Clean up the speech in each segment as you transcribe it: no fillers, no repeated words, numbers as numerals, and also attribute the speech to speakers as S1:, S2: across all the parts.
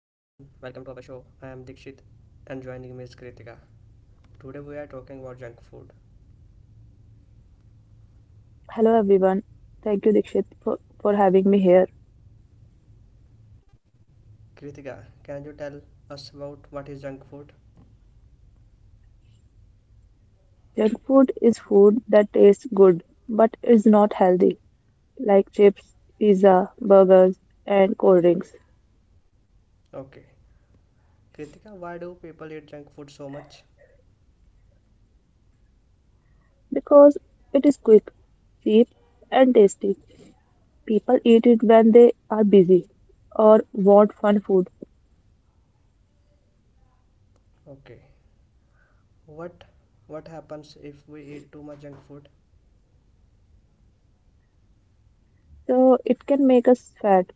S1: welcome to our show. I am Dikshit and joining me is Kritika. Today we are talking about junk food.
S2: Hello everyone. Thank you, Dikshit, for having me here.
S1: Kritika, can you tell us about what is junk food?
S2: Junk food is food that tastes good but is not healthy, like chips, pizza, burgers, and cold drinks,
S1: Okay. Kritika, why do people eat junk food so much?
S2: because it is quick, cheap, and tasty. People eat it when they are busy or want fun food,
S1: Okay. What what happens if we eat too much junk food?
S2: so it can make us fat,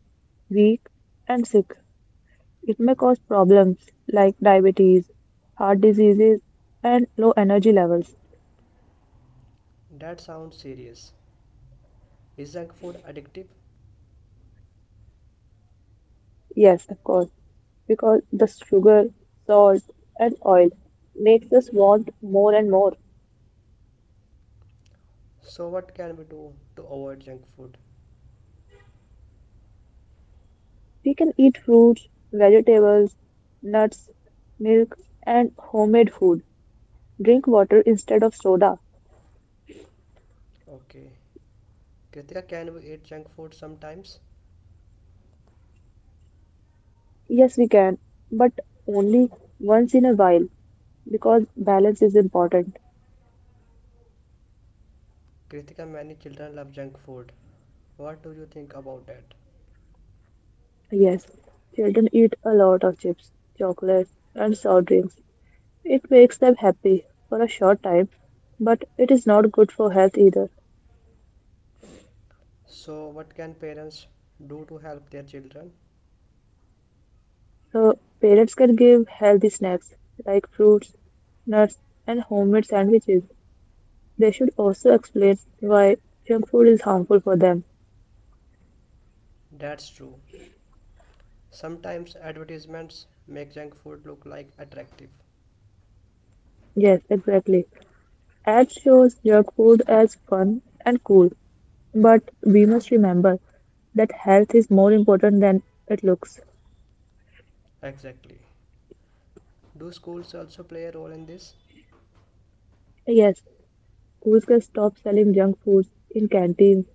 S2: weak, and sick. It may cause problems like diabetes, heart diseases, and low energy levels.
S1: That sounds serious. Is junk food addictive?
S2: Yes, of course. Because the sugar, salt, and oil makes us want more and more.
S1: So what can we do to avoid junk food?
S2: We can eat fruits, vegetables, nuts, milk, and homemade food. Drink water instead of soda.
S1: Okay. Kritika, can we eat junk food sometimes?
S2: Yes, we can, but only once in a while because balance is important.
S1: Kritika, many children love junk food. What do you think about that?
S2: Yes, children eat a lot of chips, chocolates, and soft drinks. It makes them happy for a short time, but it is not good for health either.
S1: So, what can parents do to help their children?
S2: So parents can give healthy snacks like fruits, nuts, and homemade sandwiches. They should also explain why junk food is harmful for them.
S1: That's true. Sometimes advertisements make junk food look like attractive.
S2: Yes, exactly. Ads shows junk food as fun and cool, but we must remember that health is more important than it looks.
S1: Exactly. Do schools also play a role in this?
S2: Yes, schools can stop selling junk foods in canteens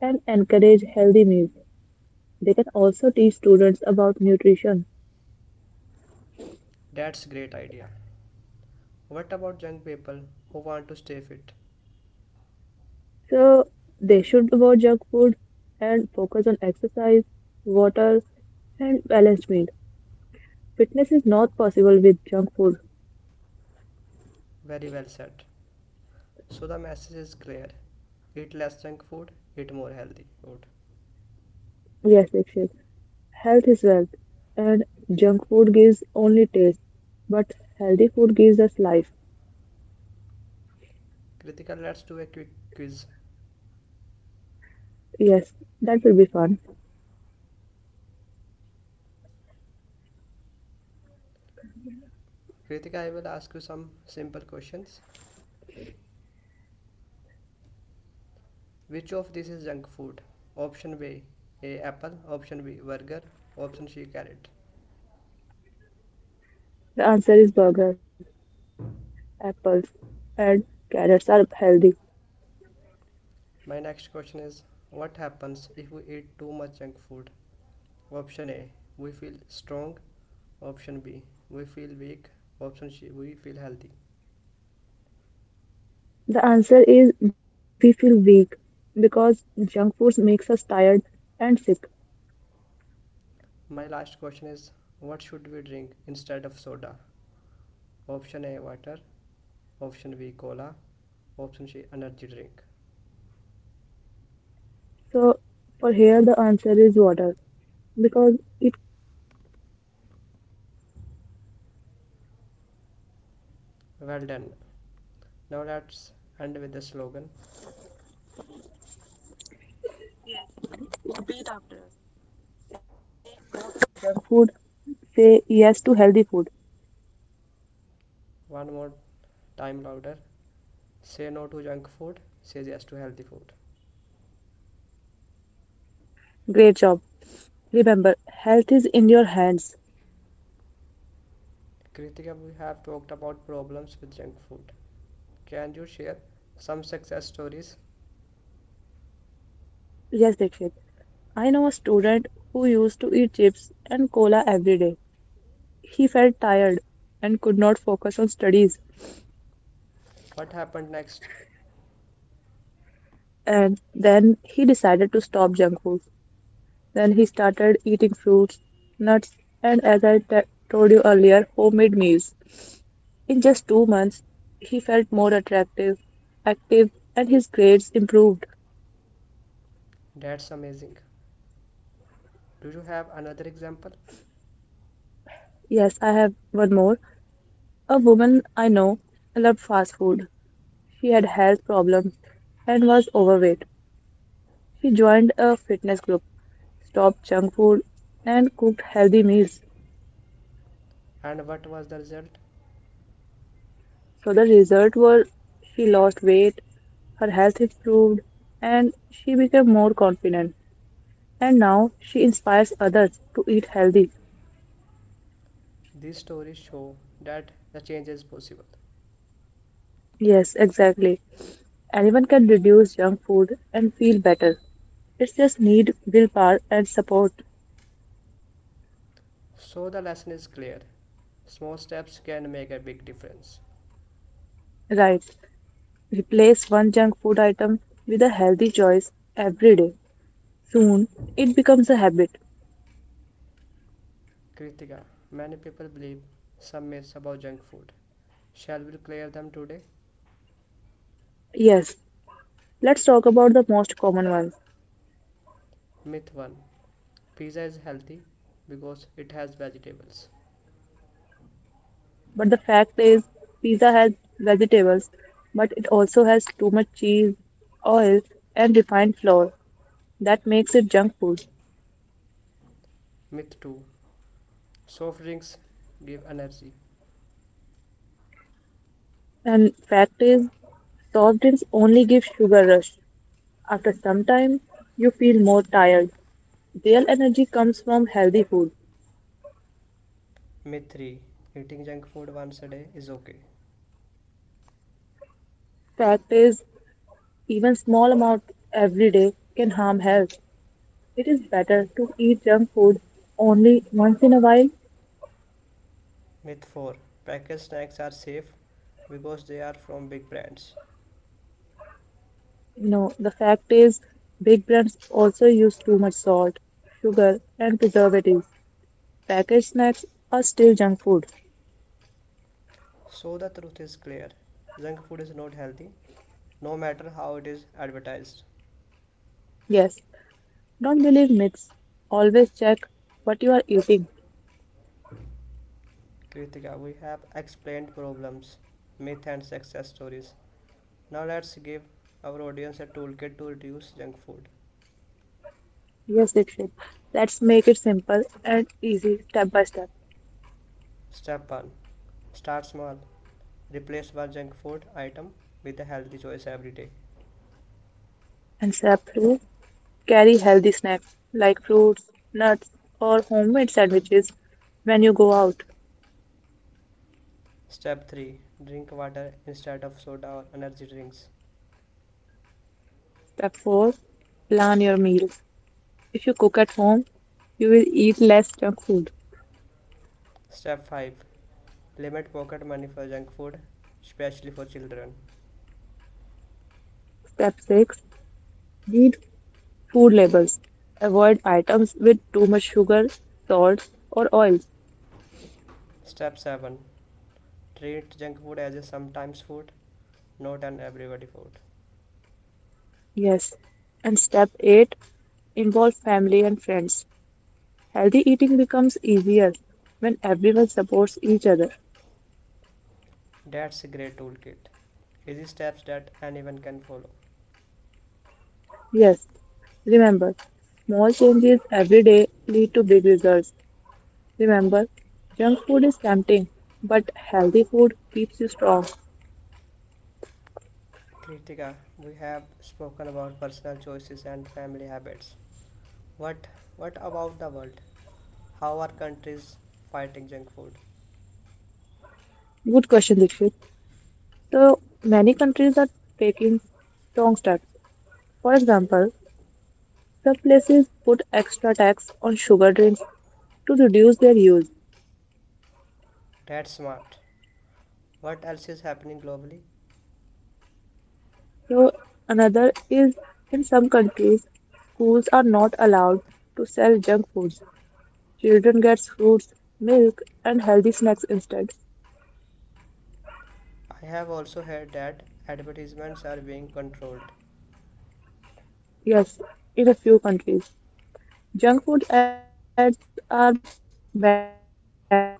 S2: and encourage healthy meals. They can also teach students about nutrition.
S1: That's great idea. What about young people who want to stay fit?
S2: So they should avoid junk food and focus on exercise, water, and balanced meal. Fitness is not possible with junk food.
S1: Very well said. So the message is clear. Eat less junk food, eat more healthy food.
S2: Yes, Dikshit. Health is wealth, and junk food gives only taste, but healthy food gives us life.
S1: Kritika, let's do a quick quiz.
S2: Yes, that will be fun.
S1: Kritika, I will ask you some simple questions. Which of this is junk food? Option B, A apple, option B burger, option C carrot.
S2: The answer is burgers, apples, and carrots are healthy.
S1: My next question is what happens if we eat too much junk food? Option A, we feel strong, option B, we feel weak, option C, we feel healthy.
S2: The answer is we feel weak because junk foods makes us tired and sick.
S1: My last question is what should we drink instead of soda? Option A water, option B cola, option C energy drink.
S2: So for here the answer is water, because it
S1: Well done. Now let's end with the slogan.
S2: copied after us. Junk food, say yes to healthy food.
S1: One more time louder. Say no to junk food, say yes to healthy food.
S2: Great job. Remember, health is in your hands.
S1: Kritika, we have talked about problems with junk food. Can you share some success stories?
S2: Yes, Dikshit. I know a student who used to eat chips and cola every day. He felt tired and could not focus on studies.
S1: What happened next?
S2: And then he decided to stop junk food. Then he started eating fruits, nuts, and as told you earlier, homemade meals. In just 2 months, he felt more attractive, active, and his grades improved.
S1: That's amazing. Do you have another example?
S2: Yes, I have one more. A woman I know loved fast food. She had health problems and was overweight. She joined a fitness group, stopped junk food, and cooked healthy meals.
S1: And what was the result?
S2: So the result was she lost weight, her health improved, and she became more confident. And now she inspires others to eat healthy.
S1: These stories show that the change is possible.
S2: Yes, exactly. Anyone can reduce junk food and feel better. It's just need willpower and support.
S1: So the lesson is clear. Small steps can make a big difference.
S2: Right. Replace one junk food item with a healthy choice every day. Soon it becomes a habit.
S1: Kritika, many people believe some myths about junk food. Shall we clear them today?
S2: Yes, let's talk about the most common ones.
S1: Myth 1. Pizza is healthy because it has vegetables.
S2: But the fact is, pizza has vegetables, but it also has too much cheese, oil, and refined flour. That makes it junk food.
S1: Myth 2. Soft drinks give energy.
S2: And fact is, soft drinks only give sugar rush. After some time, you feel more tired. Real energy comes from healthy food.
S1: Myth 3. Eating junk food once a day is okay.
S2: Fact is, even small amount every day can harm health. It is better to eat junk food only once in a while.
S1: Myth 4. Packaged snacks are safe because they are from big brands.
S2: No, the fact is, big brands also use too much salt, sugar, and preservatives. Packaged snacks are still junk food.
S1: So the truth is clear, junk food is not healthy, no matter how it is advertised.
S2: Yes, don't believe myths. Always check what you are eating.
S1: Kritika, we have explained problems, myth, and success stories. Now let's give our audience a toolkit to reduce junk food.
S2: Yes, Dixit. Let's make it simple and easy step by step.
S1: Step 1. Start small. Replace one junk food item with a healthy choice every day.
S2: And step 2, carry healthy snacks like fruits, nuts, or homemade sandwiches when you go out.
S1: Step 3. Drink water instead of soda or energy drinks.
S2: Step 4, plan your meals. If you cook at home, you will eat less junk food.
S1: Step 5. Limit pocket money for junk food, especially for children.
S2: Step 6, read food labels. Avoid items with too much sugar, salt, or oil.
S1: Step 7. Treat junk food as a sometimes food, not an everybody food.
S2: Yes. And step 8, involve family and friends. Healthy eating becomes easier when everyone supports each other.
S1: That's a great toolkit. Easy steps that anyone can follow.
S2: Yes, remember, small changes every day lead to big results. Remember, junk food is tempting, but healthy food keeps you strong.
S1: Kritika, we have spoken about personal choices and family habits. What what about the world? How are countries fighting junk food?
S2: Good question, Dikshit. So, many countries are taking strong steps. For example, some places put extra tax on sugar drinks to reduce their use.
S1: That's smart. What else is happening globally?
S2: So, another is in some countries, schools are not allowed to sell junk foods. Children get fruits, milk, and healthy snacks instead.
S1: I have also heard that advertisements are being controlled.
S2: Yes, in a few countries, junk food ads are banned during children's TV shows.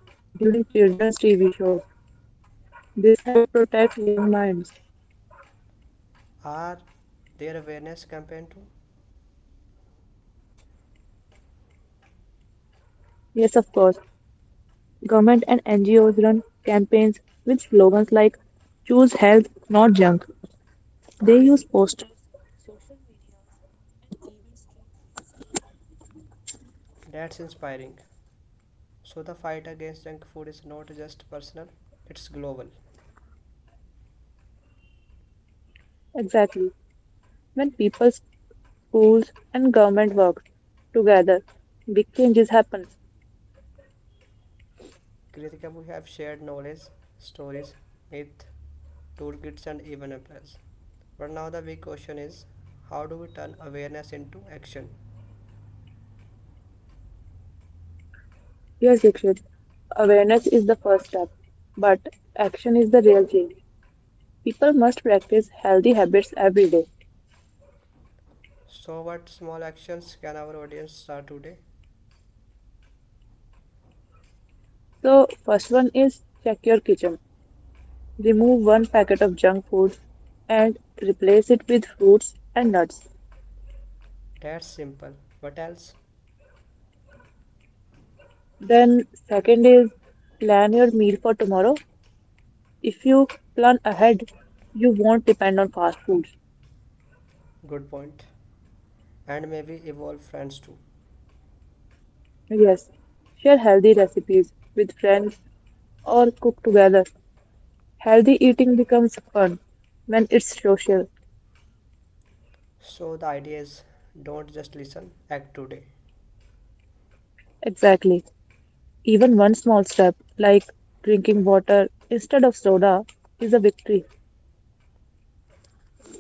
S2: This helps protect young minds.
S1: Are there awareness campaign too?
S2: Yes, of course, government and NGOs run campaigns with slogans like "Choose health, not junk." They use posters, social.
S1: That's inspiring. So the fight against junk food is not just personal, it's global.
S2: Exactly, when people, schools, and government work together, big changes happen.
S1: Kritika, we have shared knowledge, stories, myth, toolkits and even plans. But now the big question is, how do we turn awareness into action?
S2: Yes, Dikshit. Awareness is the first step, but action is the real change. People must practice healthy habits every day.
S1: So what small actions can our audience start today?
S2: So, first one is check your kitchen. Remove one packet of junk food and replace it with fruits and nuts.
S1: That's simple. What else?
S2: Then, second is plan your meal for tomorrow. If you plan ahead, you won't depend on fast foods.
S1: Good point. And maybe evolve friends too.
S2: Yes, share healthy recipes with friends or cook together. Healthy eating becomes fun when it's social.
S1: So the idea is, don't just listen, act today.
S2: Exactly. Even one small step, like drinking water instead of soda, is a victory.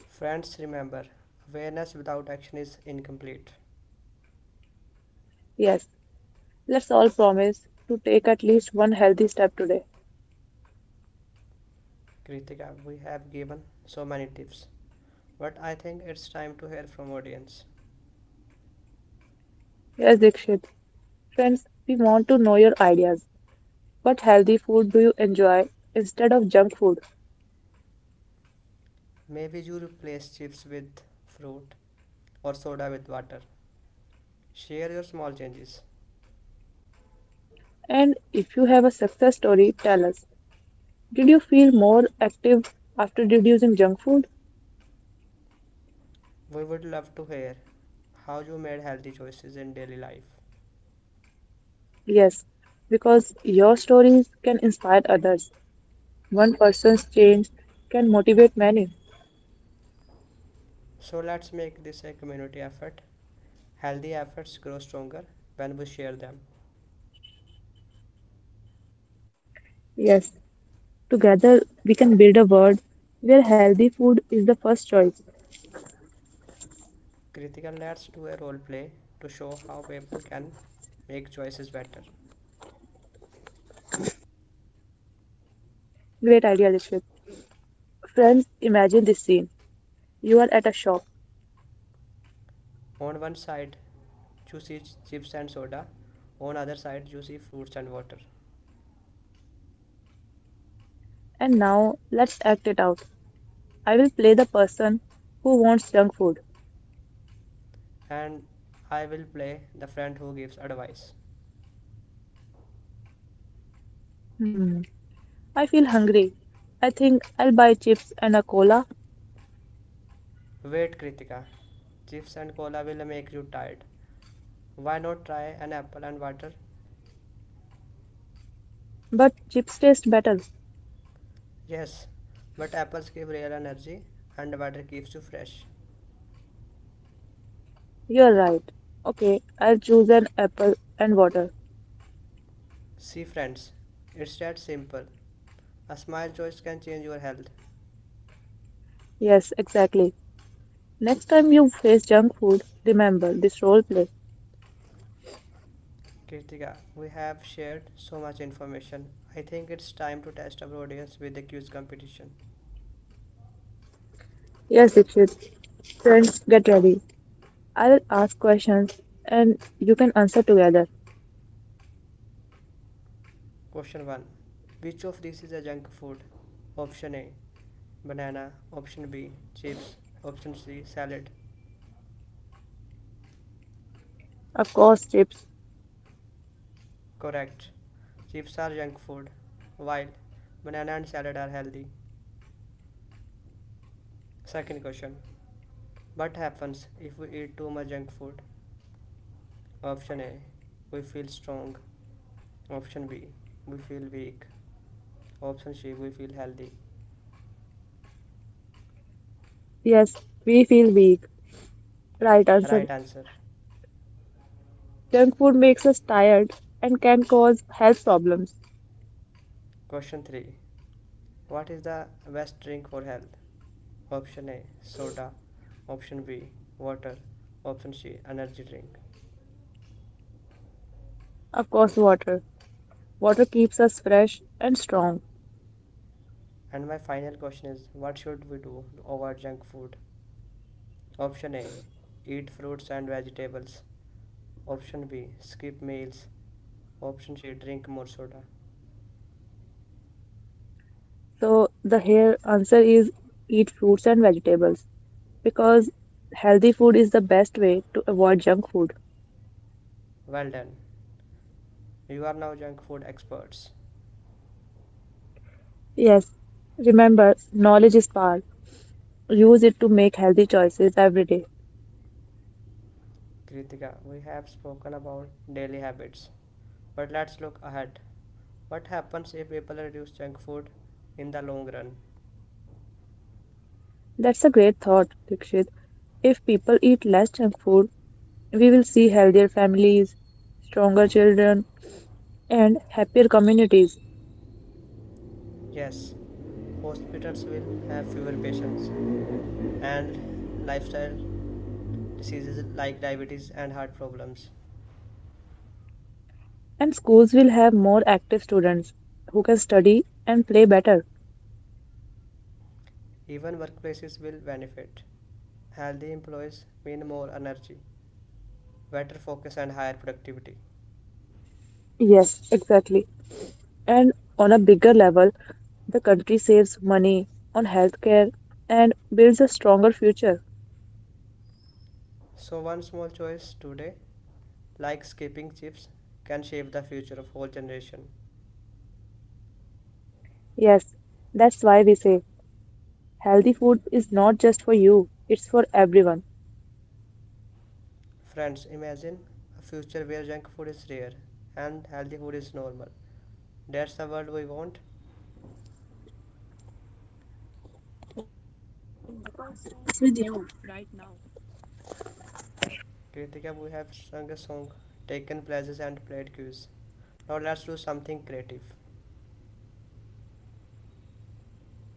S1: Friends, remember, awareness without action is incomplete.
S2: Yes. Let's all promise to take at least one healthy step today.
S1: Kritika, we have given so many tips, but I think it's time to hear from audience.
S2: Yes, Dikshit. Friends, we want to know your ideas. What healthy food do you enjoy instead of junk food?
S1: Maybe you replace chips with fruit or soda with water. Share your small changes.
S2: And if you have a success story, tell us. Did you feel more active after reducing junk food?
S1: We would love to hear how you made healthy choices in daily life.
S2: Yes, because your stories can inspire others. One person's change can motivate many.
S1: So let's make this a community effort. Healthy efforts grow stronger when we share them.
S2: Yes, together we can build a world where healthy food is the first choice.
S1: Critical let to a role play to show how people can make choices better.
S2: Great idea, Rishit. Friends, imagine this scene. You are at a shop,
S1: On one side, you chips and soda, on other side, you fruits and water.
S2: and now let's act it out. I will play the person who wants junk food.
S1: And I will play the friend who gives advice.
S2: Hmm, I feel hungry. I think I'll buy chips and a cola,
S1: Wait, Kritika, chips and cola will make you tired. Why not try an apple and water?
S2: but chips taste better.
S1: Yes, but apples give real energy and water keeps you fresh.
S2: You're right. Okay, I'll choose an apple and water.
S1: See, friends, it's that simple. A smile choice can change your health.
S2: Yes, exactly. Next time you face junk food, remember this role play.
S1: Kritika, we have shared so much information. I think it's time to test our audience with the quiz competition.
S2: Yes, Dikshit. Friends, get ready. I will ask questions and you can answer together.
S1: Question 1. Which of these is a junk food? Option A, banana. Option B, chips. Option C, salad.
S2: Of course, tips.
S1: Correct. Chips are junk food, while banana and salad are healthy. Second question. What happens if we eat too much junk food? Option A, we feel strong. Option B, we feel weak. Option C, we feel healthy.
S2: Yes, we feel weak. Right answer.
S1: Right answer.
S2: Junk food makes us tired and can cause health problems.
S1: Question 3. What is the best drink for health? Option A, soda. Option B, water. Option C, energy drink.
S2: Of course, water. Water keeps us fresh and strong.
S1: And my final question is, what should we do to avoid junk food? Option A, eat fruits and vegetables. Option B, skip meals. Option C, drink more soda.
S2: So the here answer is eat fruits and vegetables, because healthy food is the best way to avoid junk food.
S1: Well done. You are now junk food experts.
S2: Yes, remember, knowledge is power. Use it to make healthy choices every day.
S1: Kritika, we have spoken about daily habits, but let's look ahead. What happens if people reduce junk food in the long run?
S2: That's a great thought, Dikshit. If people eat less junk food, we will see healthier families, stronger children, and happier communities.
S1: Yes, hospitals will have fewer patients, and lifestyle diseases like diabetes and heart problems.
S2: And schools will have more active students who can study and play better.
S1: Even workplaces will benefit. Healthy employees mean more energy, better focus, and higher productivity.
S2: Yes, exactly. And on a bigger level, the country saves money on healthcare and builds a stronger future.
S1: So, one small choice today, like skipping chips, can shape the future of whole generation.
S2: Yes, that's why we say healthy food is not just for you, it's for everyone.
S1: Friends, imagine a future where junk food is rare and healthy food is normal. That's the world we want. Kritika, we have sung a song, taken places and played cues. Now let's do something creative.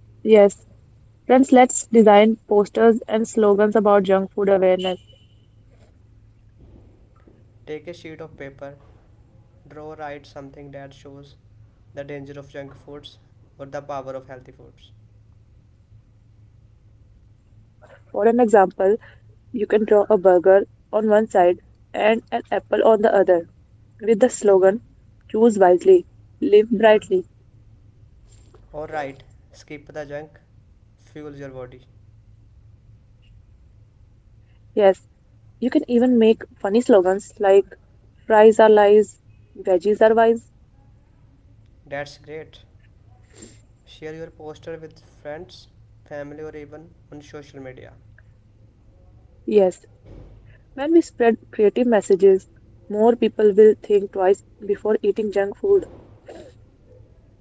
S2: Yes, friends, let's design posters and slogans about junk food awareness.
S1: Take a sheet of paper, draw, write something that shows the danger of junk foods or the power of healthy foods.
S2: For an example, you can draw a burger on one side and an apple on the other with the slogan choose wisely, live brightly.
S1: Or write, skip the junk, fuel your body.
S2: Yes, you can even make funny slogans like fries are lies, veggies are wise.
S1: That's great. Share your poster with friends, family, or even on social media.
S2: Yes, when we spread creative messages, more people will think twice before eating junk food.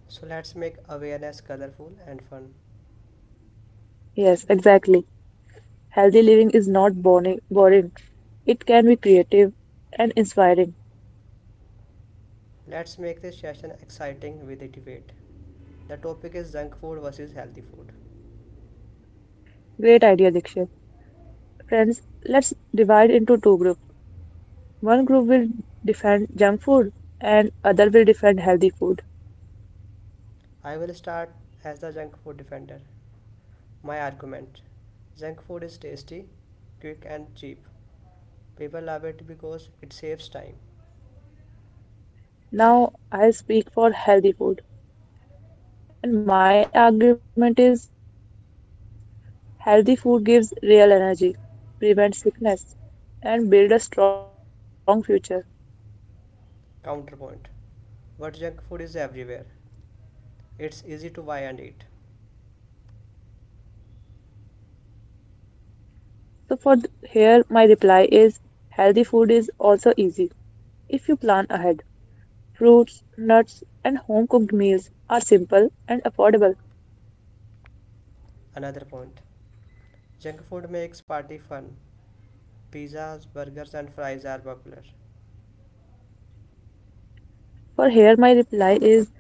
S1: So let's make awareness colorful and fun.
S2: Yes, exactly. Healthy living is not boring. It can be creative and inspiring.
S1: Let's make this session exciting with a debate. The topic is junk food versus healthy food.
S2: Great idea, Dikshit. Friends, let's divide into two groups. One group will defend junk food and other will defend healthy food.
S1: I will start as the junk food defender. My argument: junk food is tasty, quick, and cheap. People love it because it saves time.
S2: Now I'll speak for healthy food. And my argument is healthy food gives real energy, prevents sickness, and build a strong future.
S1: Counterpoint: but junk food is everywhere. It's easy to buy and eat.
S2: So for th- Here my reply is healthy food is also easy if you plan ahead. Fruits, nuts, and home cooked meals are simple and affordable.
S1: Another point: junk food makes party fun. Pizzas, burgers, and fries are popular.
S2: For here my reply is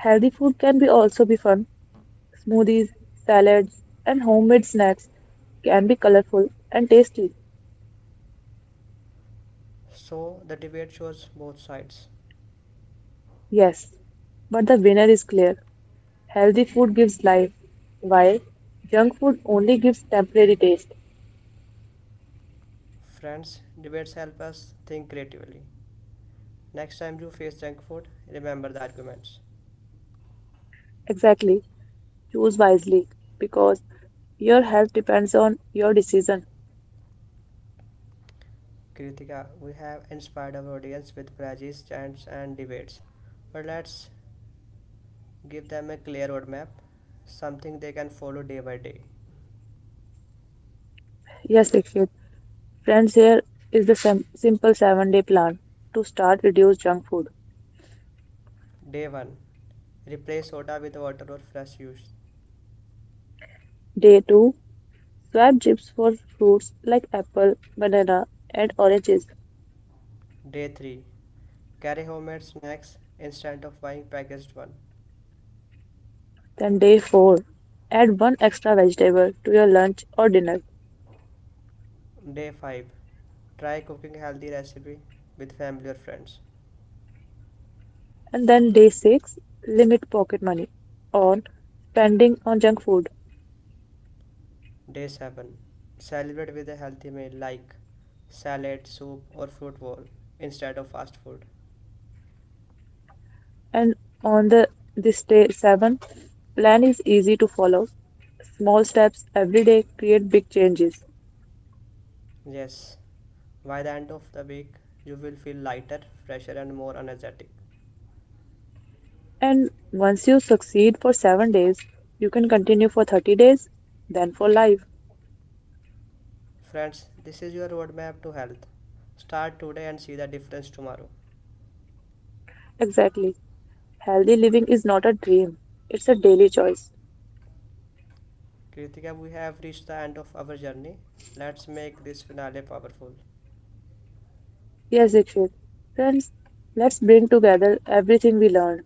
S2: healthy food can be also be fun. Smoothies, salads, and homemade snacks can be colorful and tasty.
S1: So the debate shows both sides.
S2: Yes, but the winner is clear. Healthy food gives life, while junk food only gives temporary taste.
S1: Friends, debates help us think creatively. Next time you face junk food, remember the arguments.
S2: Exactly. Choose wisely because your health depends on your decision.
S1: Kritika, we have inspired our audience with pledges, chants, and debates. But let's give them a clear roadmap, something they can follow day by day.
S2: Yes, Dikshit. Friends, here is the simple 7 day plan to start reduce junk food.
S1: Day 1. Replace soda with water or fresh juice.
S2: Day 2, swap chips for fruits like apple, banana, and oranges.
S1: Day 3. Carry homemade snacks instead of buying packaged one.
S2: Then day 4, add one extra vegetable to your lunch or dinner.
S1: Day 5. Try cooking healthy recipe with family or friends.
S2: And then day 6, limit pocket money on spending on junk food.
S1: Day 7. Celebrate with a healthy meal like salad, soup, or fruit bowl instead of fast food.
S2: And on the this day 7, plan is easy to follow. Small steps every day create big changes.
S1: Yes, by the end of the week, you will feel lighter, fresher, and more energetic.
S2: And once you succeed for 7 days, you can continue for 30 days, then for life.
S1: Friends, this is your roadmap to health. Start today and see the difference tomorrow.
S2: Exactly. Healthy living is not a dream, it's a daily choice.
S1: Kritika, we have reached the end of our journey. Let's make this finale powerful.
S2: Yes, Dikshit. Friends, let's bring together everything we learned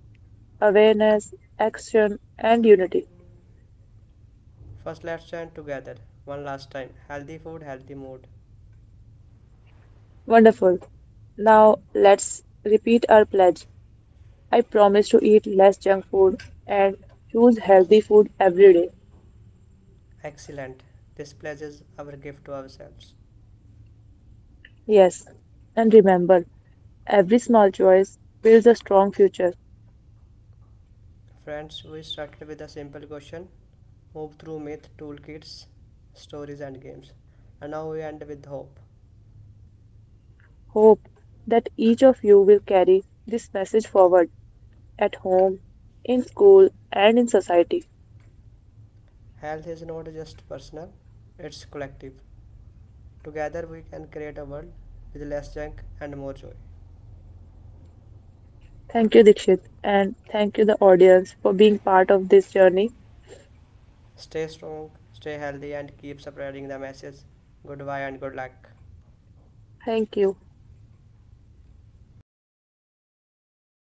S2: awareness, action, and unity.
S1: First, let's chant together one last time, healthy food, healthy mood.
S2: Wonderful. Now let's repeat our pledge. I promise to eat less junk food and choose healthy food every day.
S1: Excellent. This pledges our gift to ourselves.
S2: Yes, and remember, every small choice builds a strong future.
S1: Friends, we started with a simple question, move through myth, toolkits, stories, and games. And now we end with hope.
S2: Hope that each of you will carry this message forward at home, in school, and in society.
S1: Health is not just personal, it's collective. Together, we can create a world with less junk and more joy.
S2: Thank you, Dikshit, and thank you, the audience, for being part of this journey.
S1: Stay strong, stay healthy, and keep spreading the message. Goodbye and good luck.
S2: Thank you.